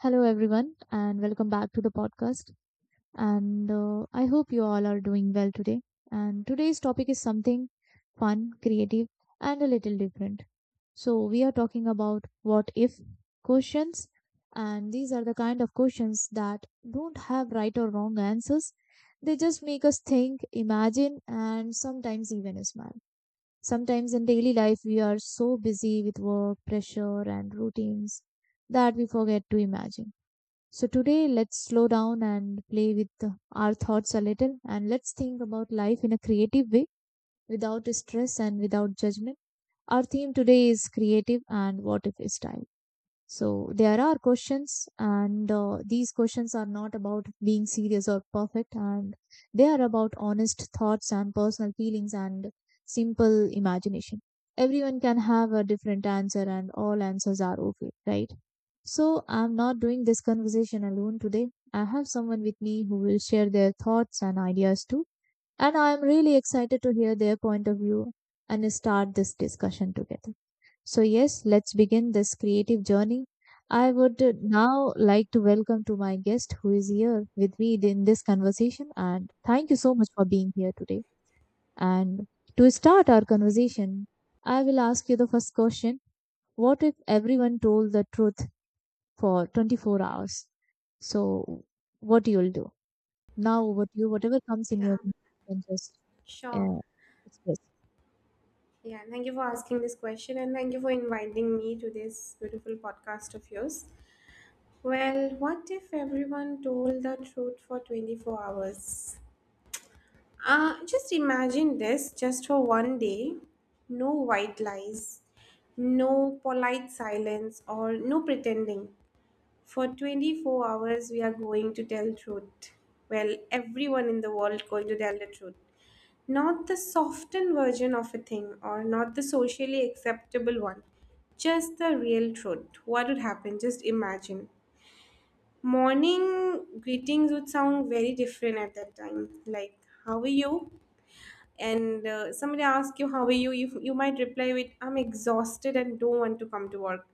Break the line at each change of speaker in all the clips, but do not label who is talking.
Hello, everyone, and welcome back to the podcast. And I hope you all are doing well today. And today's topic is something fun, creative, and a little different. So, we are talking about what if questions. And these are the kind of questions that don't have right or wrong answers. They just make us think, imagine, and sometimes even smile. Sometimes in daily life, we are so busy with work, pressure, and routines that we forget to imagine. So today let's slow down and play with our thoughts a little, and let's think about life in a creative way without stress and without judgment. Our theme today is creative and what if style. So there are questions, and these questions are not about being serious or perfect, and they are about honest thoughts and personal feelings and simple imagination. Everyone can have a different answer, and all answers are okay, right? So I'm not doing this conversation alone today. I have someone with me who will share their thoughts and ideas too. And I am really excited to hear their point of view and start this discussion together. So, yes, let's begin this creative journey. I would now like to welcome to my guest who is here with me in this conversation. And thank you so much for being here today. And to start our conversation, I will ask you the first question. What if everyone told the truth for 24 hours? So what you'll do? Now what you whatever comes in your
Yeah,
mind, you can just
sure.
uh, express.
Yeah, thank you for asking this question and thank you for inviting me to this beautiful podcast of yours. Well, what if everyone told the truth for 24 hours? Just imagine this just for one day. No white lies, no polite silence, or no pretending. For 24 hours, we are going to tell truth. Well, everyone in the world going to tell the truth. Not the softened version of a thing or not the socially acceptable one. Just the real truth. What would happen? Just imagine. Morning greetings would sound very different at that time. Like, how are you? And somebody asks you, how are you? You might reply with, I'm exhausted and don't want to come to work.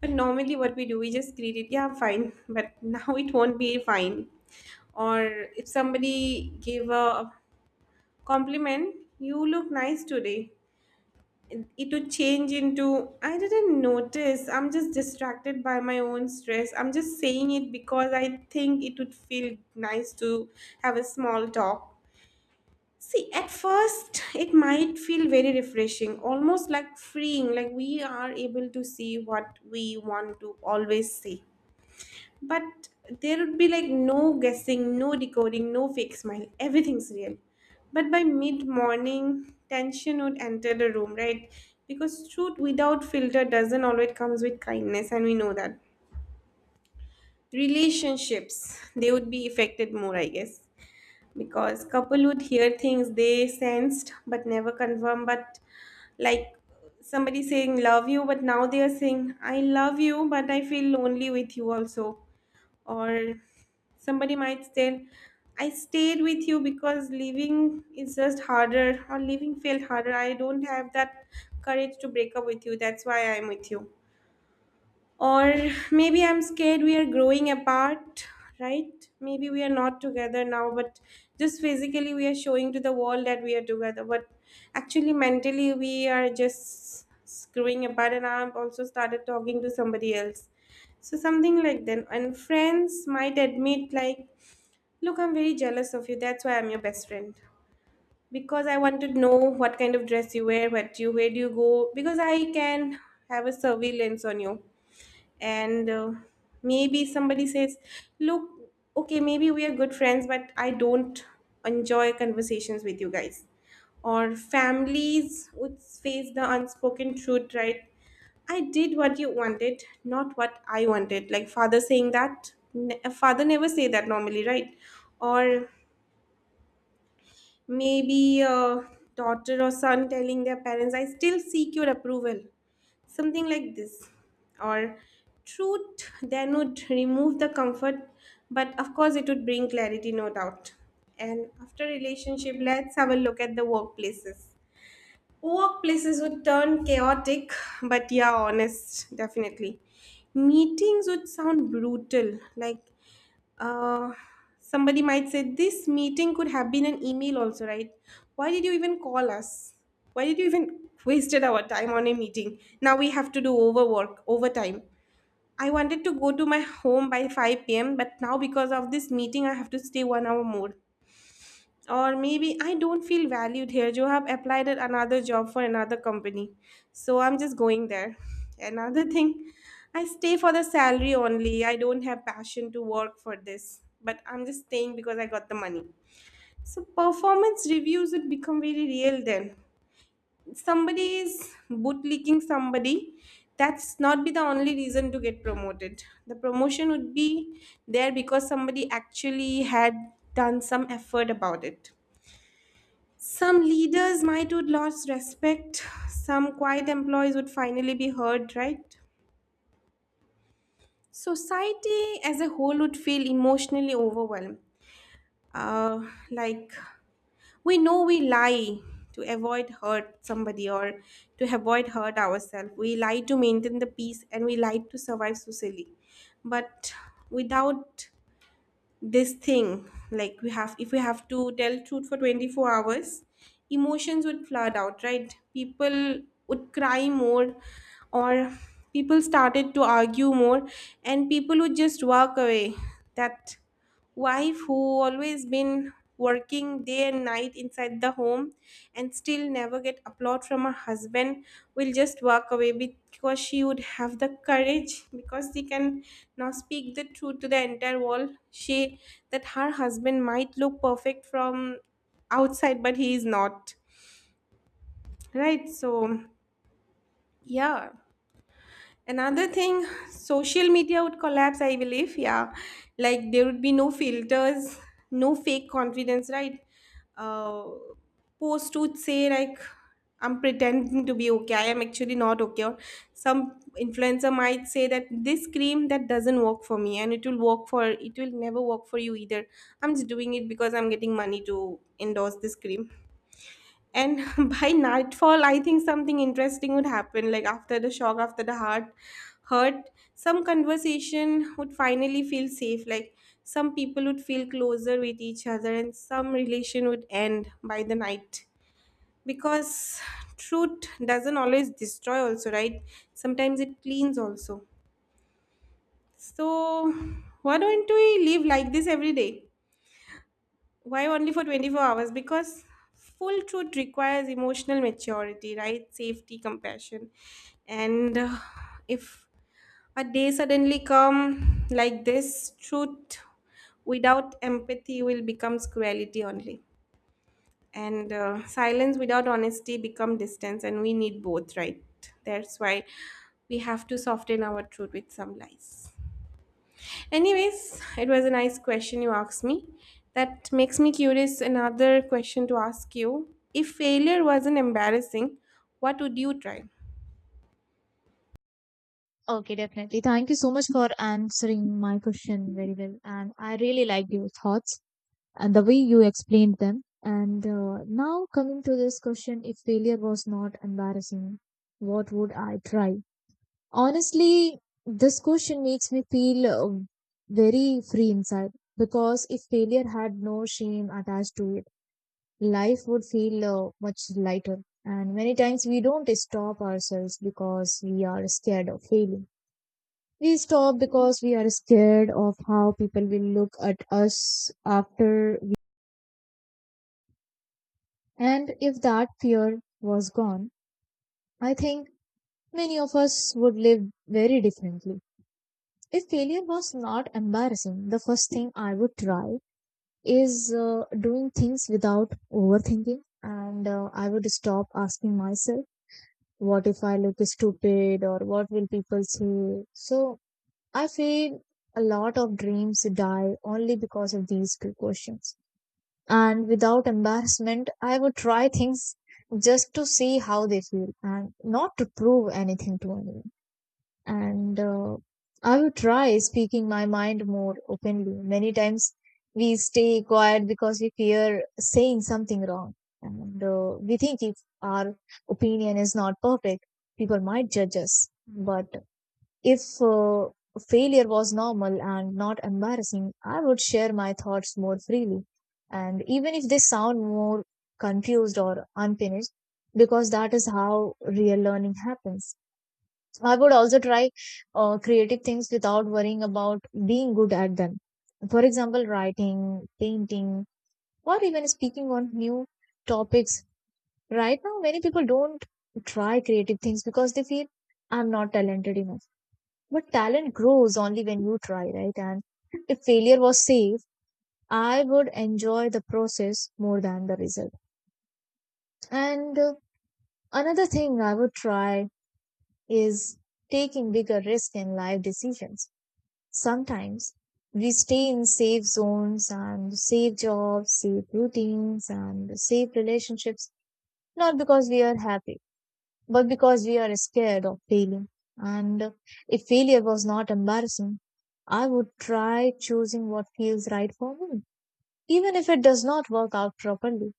But normally, what we do, we just greet it, yeah, I'm fine. But now it won't be fine. Or if somebody gave a compliment, you look nice today. It would change into I didn't notice. I'm just distracted by my own stress. I'm just saying it because I think it would feel nice to have a small talk. See, at first, it might feel very refreshing, almost like freeing, like we are able to see what we want to always say. But there would be like no guessing, no decoding, no fake smile. Everything's real. But by mid morning, tension would enter the room, right? Because truth without filter doesn't always comes with kindness, and we know that. Relationships, they would be affected more, I guess. Because couple would hear things they sensed but never confirm, but like somebody saying love you, but now they are saying I love you, but I feel lonely with you also, or somebody might tell I stayed with you because leaving is just harder, or leaving felt harder, I don't have that courage to break up with you, that's why I'm with you. Or maybe I'm scared we are growing apart, right? Maybe we are not together now, but just physically we are showing to the world that we are together. But actually, mentally, we are just growing apart, and I've also started talking to somebody else. So, something like that. And friends might admit, like, look, I'm very jealous of you. That's why I'm your best friend, because I want to know what kind of dress you wear, what you where do you go, because I can have a surveillance on you. And maybe somebody says, look, okay, maybe we are good friends but I don't enjoy conversations with you guys. Or families would face the unspoken truth, right? I did what you wanted, not what I wanted. Like father saying that, a father never say that normally, right? Or maybe a daughter or son telling their parents I still seek your approval, something like this. Or truth then would remove the comfort, but of course it would bring clarity, no doubt. And after relationship, let's have a look at the workplaces. Workplaces would turn chaotic, but yeah, honest definitely. Meetings would sound brutal. Like, uh, somebody might say this meeting could have been an email also, right? Why did you even call us? Why did you even wasted our time on a meeting? Now we have to do overwork, overtime. I wanted to go to my home by 5 p.m., but now because of this meeting, I have to stay one hour more. Or maybe I don't feel valued here, you have applied at another job for another company, so I'm just going there. Another thing, I stay for the salary only, I don't have passion to work for this but I'm just staying because I got the money. So performance reviews would become very real then. Somebody is bootlicking somebody, that's not be the only reason to get promoted. The promotion would be there because somebody actually had done some effort about it. Some leaders might would lose respect. Some quiet employees would finally be heard, right? Society as a whole would feel emotionally overwhelmed. Like we know we lie to avoid hurt somebody or to avoid hurt ourselves. We lie to maintain the peace and we lie to survive socially. But without this thing, like we have, if we have to tell truth for 24 hours, emotions would flood out, right? People would cry more, or people started to argue more, and people would just walk away. That wife who always been working day and night inside the home and still never get applaud from her husband will just walk away, because she would have the courage, because she can now speak the truth to the entire world, she that her husband might look perfect from outside but he is not, right? So yeah. Another thing, social media would collapse, I believe. Yeah. Like there would be no filters, no fake confidence, right? Uh, Post would say, like, I'm pretending to be okay. I am actually not okay. Or some influencer might say that this cream that doesn't work for me and it will work for, it will never work for you either. I'm just doing it because I'm getting money to endorse this cream. And by nightfall I think something interesting would happen, like after the shock, after the heart hurt, some conversation would finally feel safe. Like some people would feel closer with each other and some relation would end by the night, because truth doesn't always destroy also, right? Sometimes it cleans also. So why don't we live like this every day? Why only for 24 hours? Because full truth requires emotional maturity, right? Safety, compassion. And if a day suddenly come like this, truth without empathy will become cruelty only. And silence without honesty become distance and we need both, right? That's why we have to soften our truth with some lies. Anyways, it was a nice question you asked me. That makes me curious another question to ask you. If failure wasn't embarrassing, what would you try?
Okay, definitely. Thank you so much for answering my question very well. And I really liked your thoughts and the way you explained them. And Now coming to this question, if failure was not embarrassing, what would I try? Honestly, this question makes me feel very free inside, because if failure had no shame attached to it, life would feel much lighter. And many times we don't stop ourselves because we are scared of failing. We stop because we are scared of how people will look at us after we. And if that fear was gone, I think many of us would live very differently. If failure was not embarrassing, the first thing I would try is doing things without overthinking. And I would stop asking myself, what if I look stupid, or what will people say? So I feel a lot of dreams die only because of these two questions. And without embarrassment, I would try things just to see how they feel and not to prove anything to anyone. And I would try speaking my mind more openly. Many times we stay quiet because we fear saying something wrong, and we think if our opinion is not perfect, people might judge us. But if failure was normal and not embarrassing, I would share my thoughts more freely, and even if they sound more confused or unfinished, because that is how real learning happens. I would also try creative things without worrying about being good at them. For example, writing, painting, or even speaking on new topics. Right now, many people don't try creative things because they feel I'm not talented enough. But talent grows only when you try, right? And if failure was safe, I would enjoy the process more than the result. And Another thing I would try is taking bigger risk in life decisions. Sometimes we stay in safe zones and safe jobs, safe routines, and safe relationships, not because we are happy, but because we are scared of failing. And if failure was not embarrassing, I would try choosing what feels right for me, even if it does not work out properly.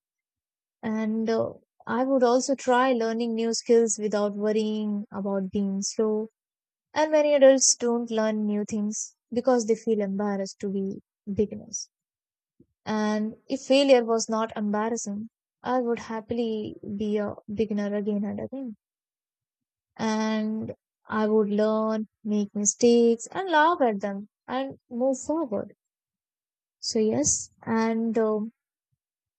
And I would also try learning new skills without worrying about being slow, and many adults don't learn new things because they feel embarrassed to be beginners. And if failure was not embarrassing, I would happily be a beginner again and again. And I would learn, make mistakes, and laugh at them and move forward. So, yes, and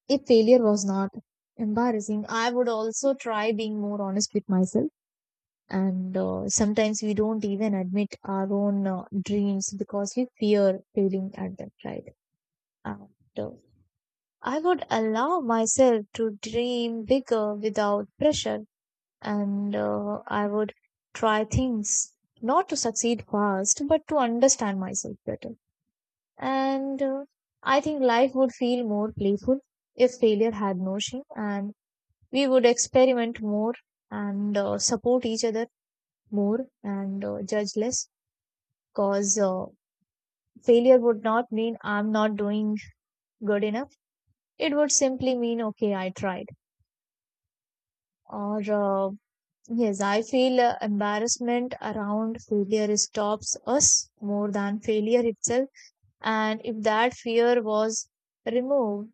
if failure was not embarrassing, I would also try being more honest with myself, and sometimes we don't even admit our own dreams because we fear failing at them, right? And I would allow myself to dream bigger without pressure, and I would try things not to succeed fast but to understand myself better. And I think life would feel more playful if failure had no shame, and we would experiment more and support each other more and judge less. Cause failure would not mean I'm not doing good enough. It would simply mean, okay, I tried. Or, yes, I feel embarrassment around failure stops us more than failure itself. And if that fear was removed,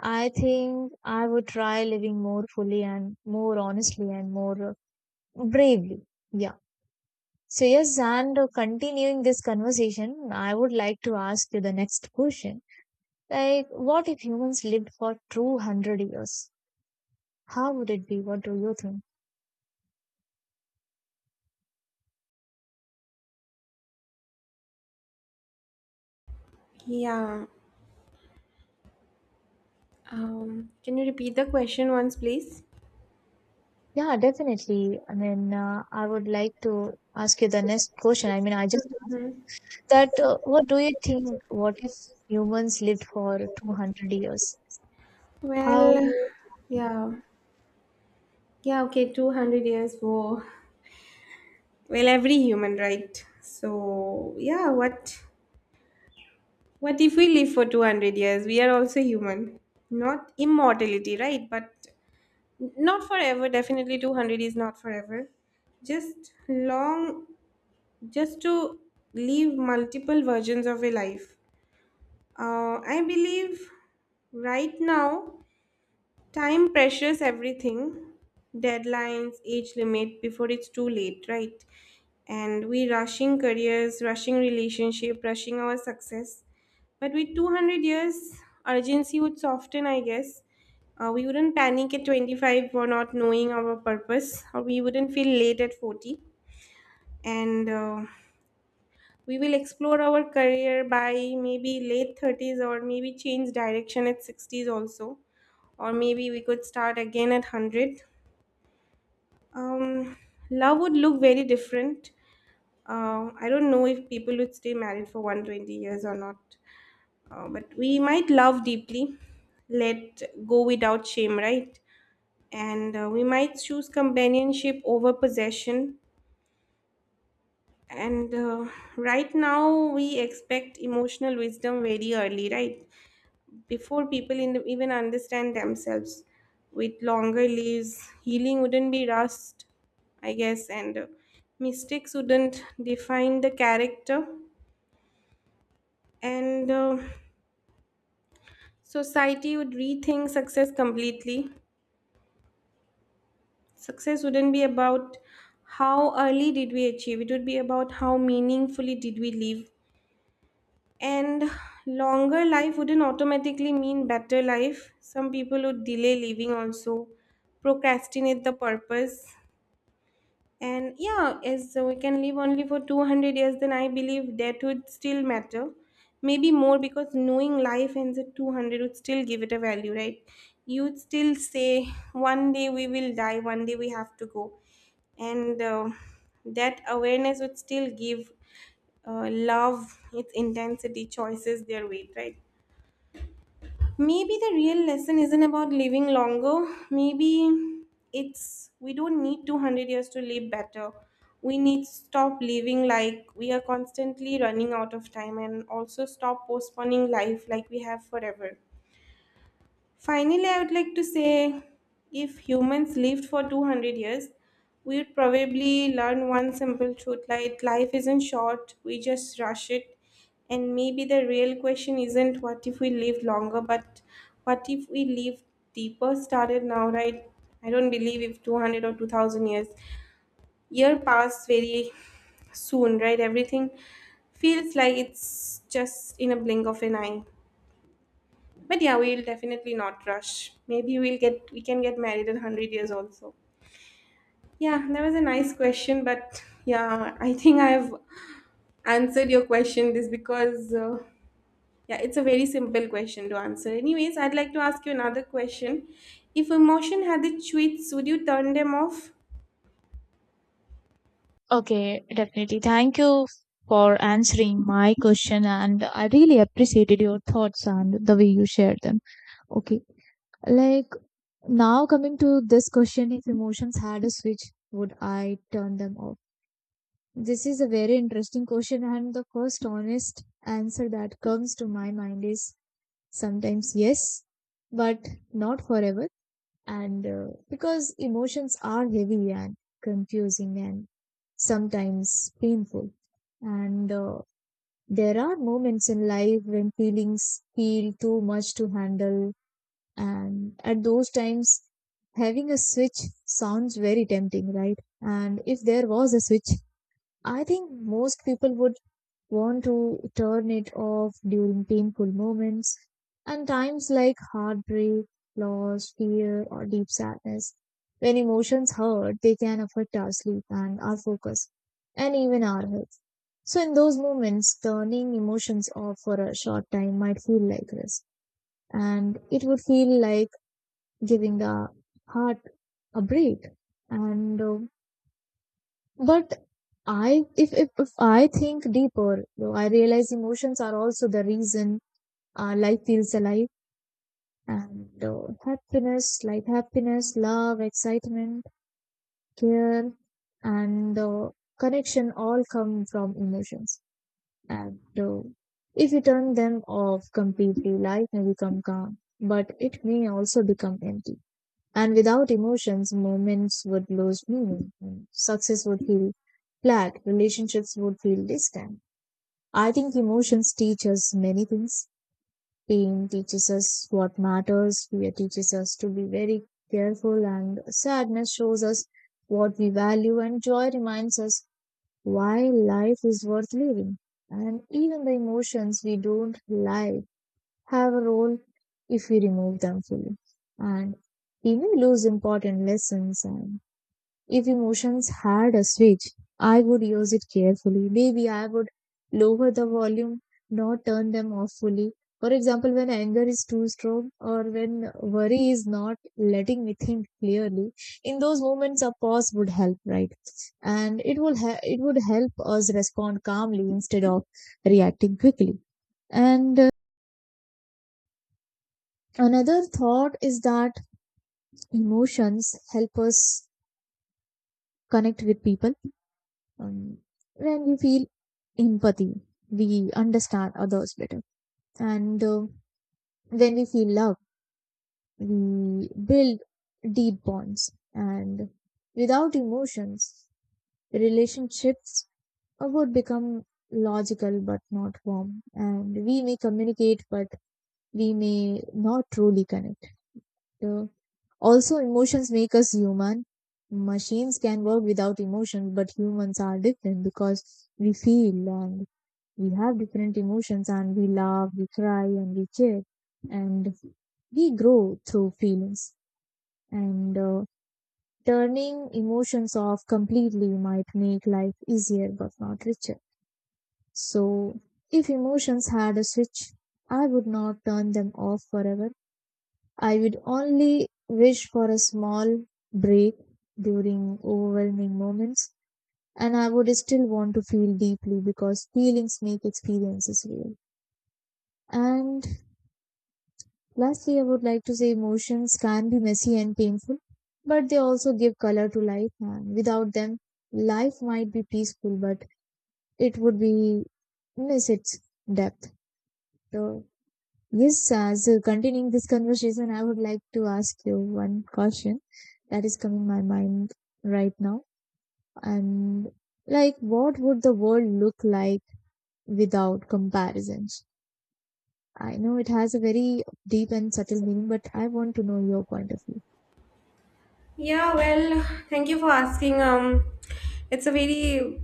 I think I would try living more fully and more honestly and more bravely. Yeah. So, yes, and continuing this conversation, I would like to ask you the next question. Like, what if humans lived for 200 years? How would it be? What do you think?
Yeah. Can you repeat the question once, please?
Yeah, definitely. I mean, I would like to ask you the next question. I mean, I just asked
Hmm.
that what do you think? What if humans lived for 200 years? How?
Well, yeah. Yeah, okay, 200 years war. Well, every human, right? So, yeah, what if we live for 200 years? We are also human. Not immortality, right? But not forever, definitely 200 is not forever, just long, just to live multiple versions of a life. I believe right now time pressures everything, deadlines, age limit before it's too late, right? And we rushing careers, rushing relationship, rushing our success. But with 200 years, urgency would soften, I guess. We wouldn't panic at 25 for not knowing our purpose, or we wouldn't feel late at 40. And we will explore our career by maybe late 30s or maybe change direction at 60s also, or maybe we could start again at 100. um, Love would look very different. I don't know if people would stay married for 120 years or not. But we might love deeply, let go without shame, right? And we might choose companionship over possession. And right now we expect emotional wisdom very early, right? Before people in even understand themselves. With longer lives, healing wouldn't be rushed, I guess, and mistakes wouldn't define the character, and society would rethink success completely. Success wouldn't be about how early did we achieve, it would be about how meaningfully did we live. And longer life wouldn't automatically mean better life. Some people would delay living also, procrastinate the purpose. And yeah, as so we can live only for 200 years, then I believe that would still matter. Maybe more, because knowing life ends at 200 would still give it a value, right? You'd still say, one day we will die, one day we have to go. And that awareness would still give love, its intensity, choices, their weight, right? Maybe the real lesson isn't about living longer. Maybe it's we don't need 200 years to live better. We need to stop living like we are constantly running out of time and also stop postponing life like we have forever. Finally, I would like to say if humans lived for 200 years, we would probably learn one simple truth, like life isn't short, we just rush it. And maybe the real question isn't what if we live longer, but what if we live deeper started now, right? I don't believe if 200 or 2000 years year pass very soon, right? Everything feels like it's just in a blink of an eye. But yeah, we'll definitely not rush. Maybe we can get married at 100 years also. Yeah, that was a nice question, but yeah, I think I've answered your question. This because yeah, it's a very simple question to answer. Anyways, I'd like to ask you another question. If emotion had the tweets, would you turn them off?
Okay, definitely. Thank you for answering my question, and I really appreciated your thoughts and the way you shared them. Okay, like now coming to this question, if emotions had a switch, would I turn them off? This is a very interesting question, and the first honest answer that comes to my mind is sometimes yes, but not forever. And because emotions are heavy and confusing and sometimes painful. And there are moments in life when feelings feel too much to handle, and at those times, having a switch sounds very tempting, right? And if there was a switch, I think most people would want to turn it off during painful moments and times like heartbreak, loss, fear, or deep sadness. When emotions hurt, they can affect our sleep and our focus, and even our health. So, in those moments, turning emotions off for a short time might feel like rest, and it would feel like giving the heart a break. And uh, but i if, if if i think deeper, though, I realize emotions are also the reason life feels alive. And happiness, love, excitement, care, and connection all come from emotions. And if you turn them off completely, life may become calm, but it may also become empty. And without emotions, moments would lose meaning. Success would feel flat. Relationships would feel distant. I think emotions teach us many things. Pain teaches us what matters. Fear teaches us to be very careful. And sadness shows us what we value. And joy reminds us why life is worth living. And even the emotions we don't like have a role. If we remove them fully, and even lose important lessons. And if emotions had a switch, I would use it carefully. Maybe I would lower the volume, not turn them off fully. For example, when anger is too strong, or when worry is not letting me think clearly, in those moments a pause would help, right? And it would help us respond calmly instead of reacting quickly. And another thought is that emotions help us connect with people. um, when we feel empathy, we understand others better. And when we feel love, we build deep bonds. And without emotions, relationships would become logical but not warm, and we may communicate but we may not truly connect. Uh, Also emotions make us human. Machines can work without emotion, but humans are different because we feel, and we have different emotions, and we laugh, we cry, and we cheer, and we grow through feelings. And turning emotions off completely might make life easier but not richer. So, if emotions had a switch, I would not turn them off forever. I would only wish for a small break during overwhelming moments, and I would still want to feel deeply because feelings make experiences real. And lastly, I would like to say emotions can be messy and painful, but they also give color to life, and without them, life might be peaceful, but it would be miss its depth. So, yes, as continuing this conversation, I would like to ask you one question that is coming my mind right now. And like, what would the world look like without comparisons? I know it has a very deep and subtle meaning, but I want to know your point of view.
Yeah, well, thank you for asking. It's a very.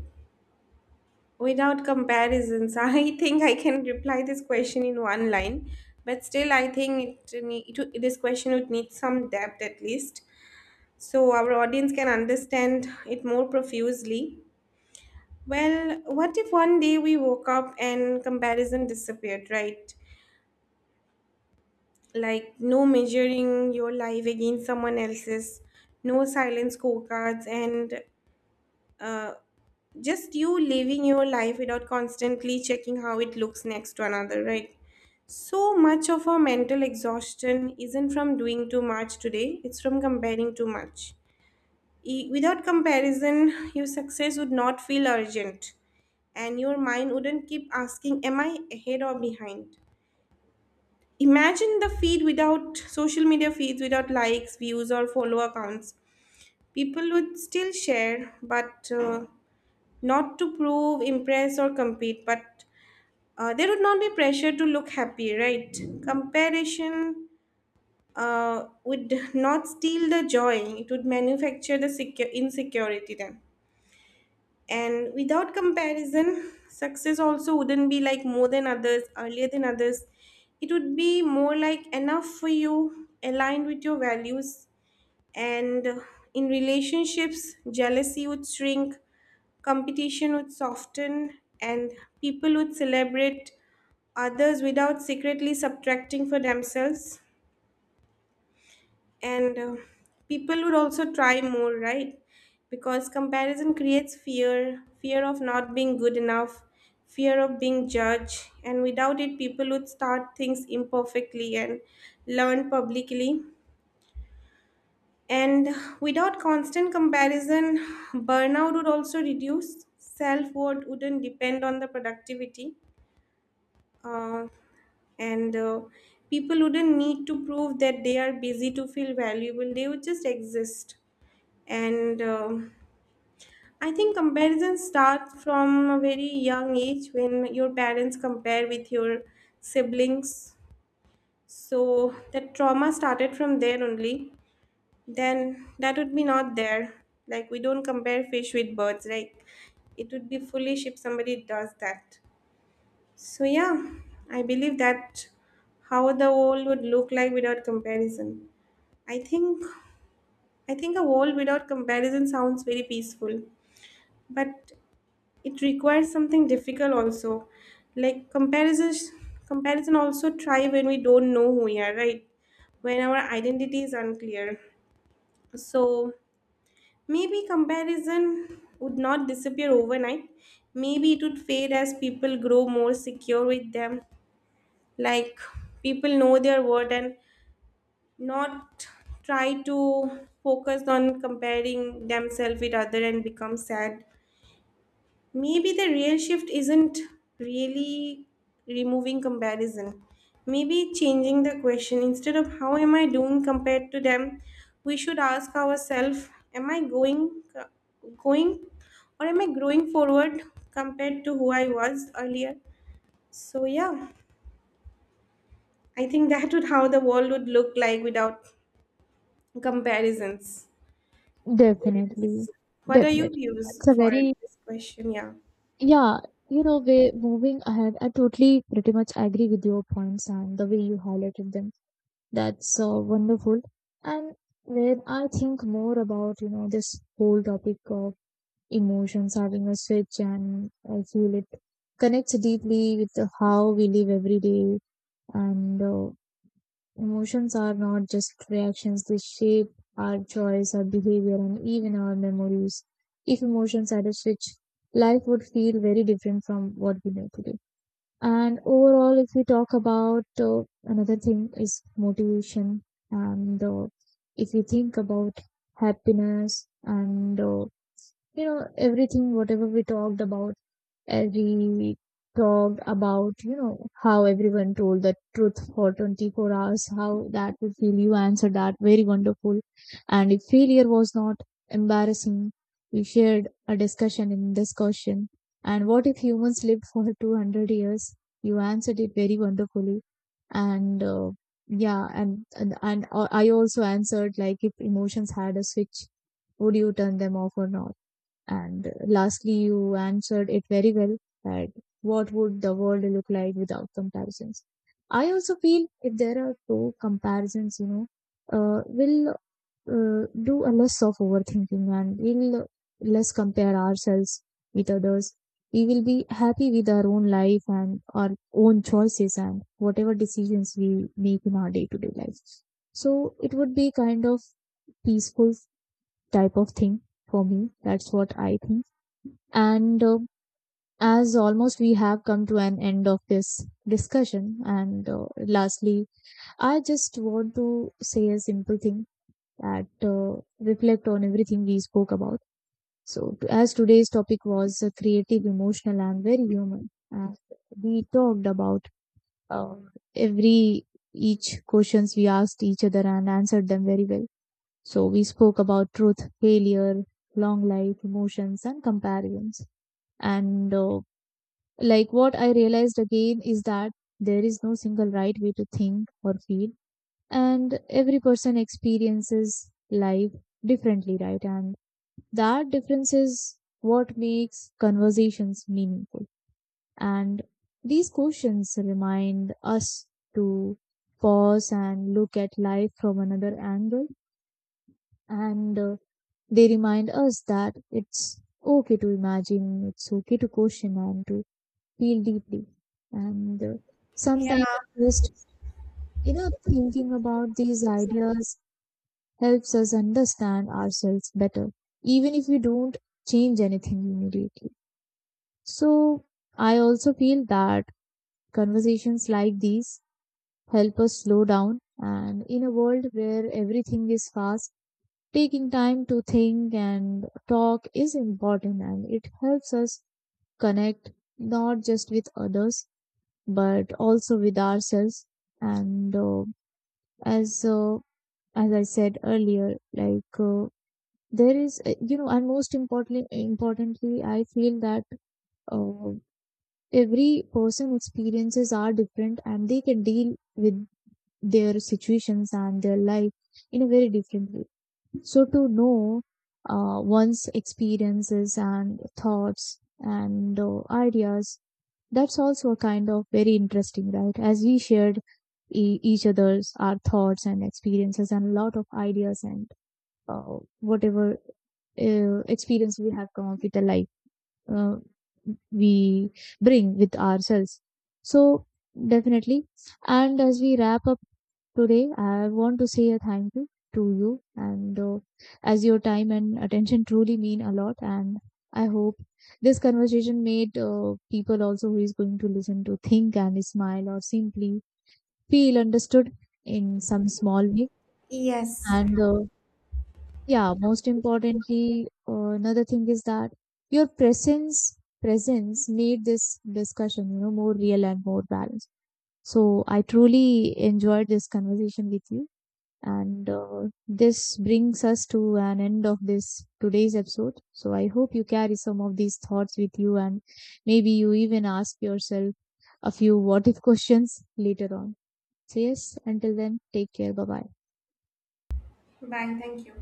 Without comparisons, I think I can reply this question in one line, but still, I think it, this question would need some depth at least, so our audience can understand it more profusely. Well, what if one day we woke up and comparison disappeared, right? Like no measuring your life against someone else's, no silent scorecards, and uh, just you living your life without constantly checking how it looks next to another, right? So much of our mental exhaustion isn't from doing too much today, it's from comparing too much. Without comparison, your success would not feel urgent and your mind wouldn't keep asking, am I ahead or behind? Imagine the feed without social media feeds, without likes, views, or follower counts. People would still share, but not to prove, impress, or compete, but there would not be pressure to look happy, right? Comparison would not steal the joy, it would manufacture the insecurity then. And without comparison, success also wouldn't be like more than others, earlier than others. It would be more like enough for you, aligned with your values. And in relationships, jealousy would shrink, competition would soften, and people would celebrate others without secretly subtracting for themselves. And people would also try more, right? Because comparison creates fear of not being good enough, fear of being judged. And without it, people would start things imperfectly and learn publicly. And without constant comparison, burnout would also reduce. Self worth wouldn't depend on the productivity, uh, and people wouldn't need to prove that they are busy to feel valuable. They would just exist. And I think comparison starts from a very young age when your parents compare with your siblings. So that trauma started from there only, then that would be not there. Like we don't compare fish with birds. Like it would be foolish if somebody does that. So yeah, I believe that how the world would look like without comparison. I think I think a world without comparison sounds very peaceful, but it requires something difficult also. Like comparison also try when we don't know who we are, right? When our identity is unclear. So maybe comparison would not disappear overnight. Maybe it would fade as people grow more secure with them. Like people know their worth and not try to focus on comparing themselves with other and become sad. Maybe the real shift isn't really removing comparison. Maybe changing the question, instead of how am I doing compared to them, we should ask ourselves am I going or am I growing forward compared to who I was earlier? So yeah, I think that would how the world would look like without comparisons.
Definitely,
What are your
definitely.
views
It's a
for
very,
this question? Yeah.
yeah, you know, way moving ahead. I totally pretty much agree with your points and the way you highlighted them. That's wonderful. And when I think more about, you know, this whole topic of emotions having a switch, and I feel it connects deeply with the how we live every day. And Emotions are not just reactions, they shape our choice, our behavior, and even our memories. If emotions had a switch, life would feel very different from what we know today. And overall, if we talk about another thing is motivation, and if we think about happiness and you know everything whatever we talked about we talked about, you know, how everyone told the truth for 24 hours, how that would feel. You answered that very wonderful. And if failure was not embarrassing, we shared a discussion in discussion. And what if humans lived for 200 years? You answered it very wonderfully. And uh, yeah and, and and uh, I also answered, like, if emotions had a switch, would you turn them off or not? And lastly, you answered it very well that what would the world look like without comparisons? I also feel if there are two comparisons, we'll do a less of overthinking, and we'll less compare ourselves with others. We will be happy with our own life and our own choices and whatever decisions we make in our day to day life. So it would be kind of peaceful type of thing for me. That's what I think. And As almost we have come to an end of this discussion, and lastly, I just want to say a simple thing, that reflect on everything we spoke about. So, as today's topic was creative, emotional, and very human, and we talked about uh, every each questions we asked each other and answered them very well. So, we spoke about truth, failure, long life, emotions, and comparisons. And Like, what I realized again is that there is no single right way to think or feel, and every person experiences life differently, right? And that difference is what makes conversations meaningful. And these questions remind us to pause and look at life from another angle, and they remind us that it's okay to imagine, it's okay to question, and to feel deeply. And
Yeah.
Sometimes just, you know, thinking about these ideas helps us understand ourselves better, even if we don't change anything immediately. So I also feel that conversations like these help us slow down. And in a world where everything is fast, taking time to think and talk is important, and it helps us connect not just with others but also with ourselves. And as As I said earlier, like, there is, and most importantly, importantly, I feel that uh, every person experiences are different, and they can deal with their situations and their life in a very different way. So, to know one's experiences and thoughts and ideas, that's also kind of very interesting, right? As we shared each other's our thoughts and experiences and a lot of ideas, and whatever experience we have come up with the life, uh, we bring with ourselves. So definitely, and as we wrap up today, I want to say a thank you to you, and as your time and attention truly mean a lot. And I hope this conversation made people also who is going to listen to think and smile or simply feel understood in some small way.
Yes.
And Yeah, most importantly, another thing is that your presence made this discussion, you know, more real and more balanced. So I truly enjoyed this conversation with you, and this brings us to an end of this today's episode. So I hope you carry some of these thoughts with you, and maybe you even ask yourself a few what if questions later on. So yes, until then, take care. Bye bye.
Bye. Thank you.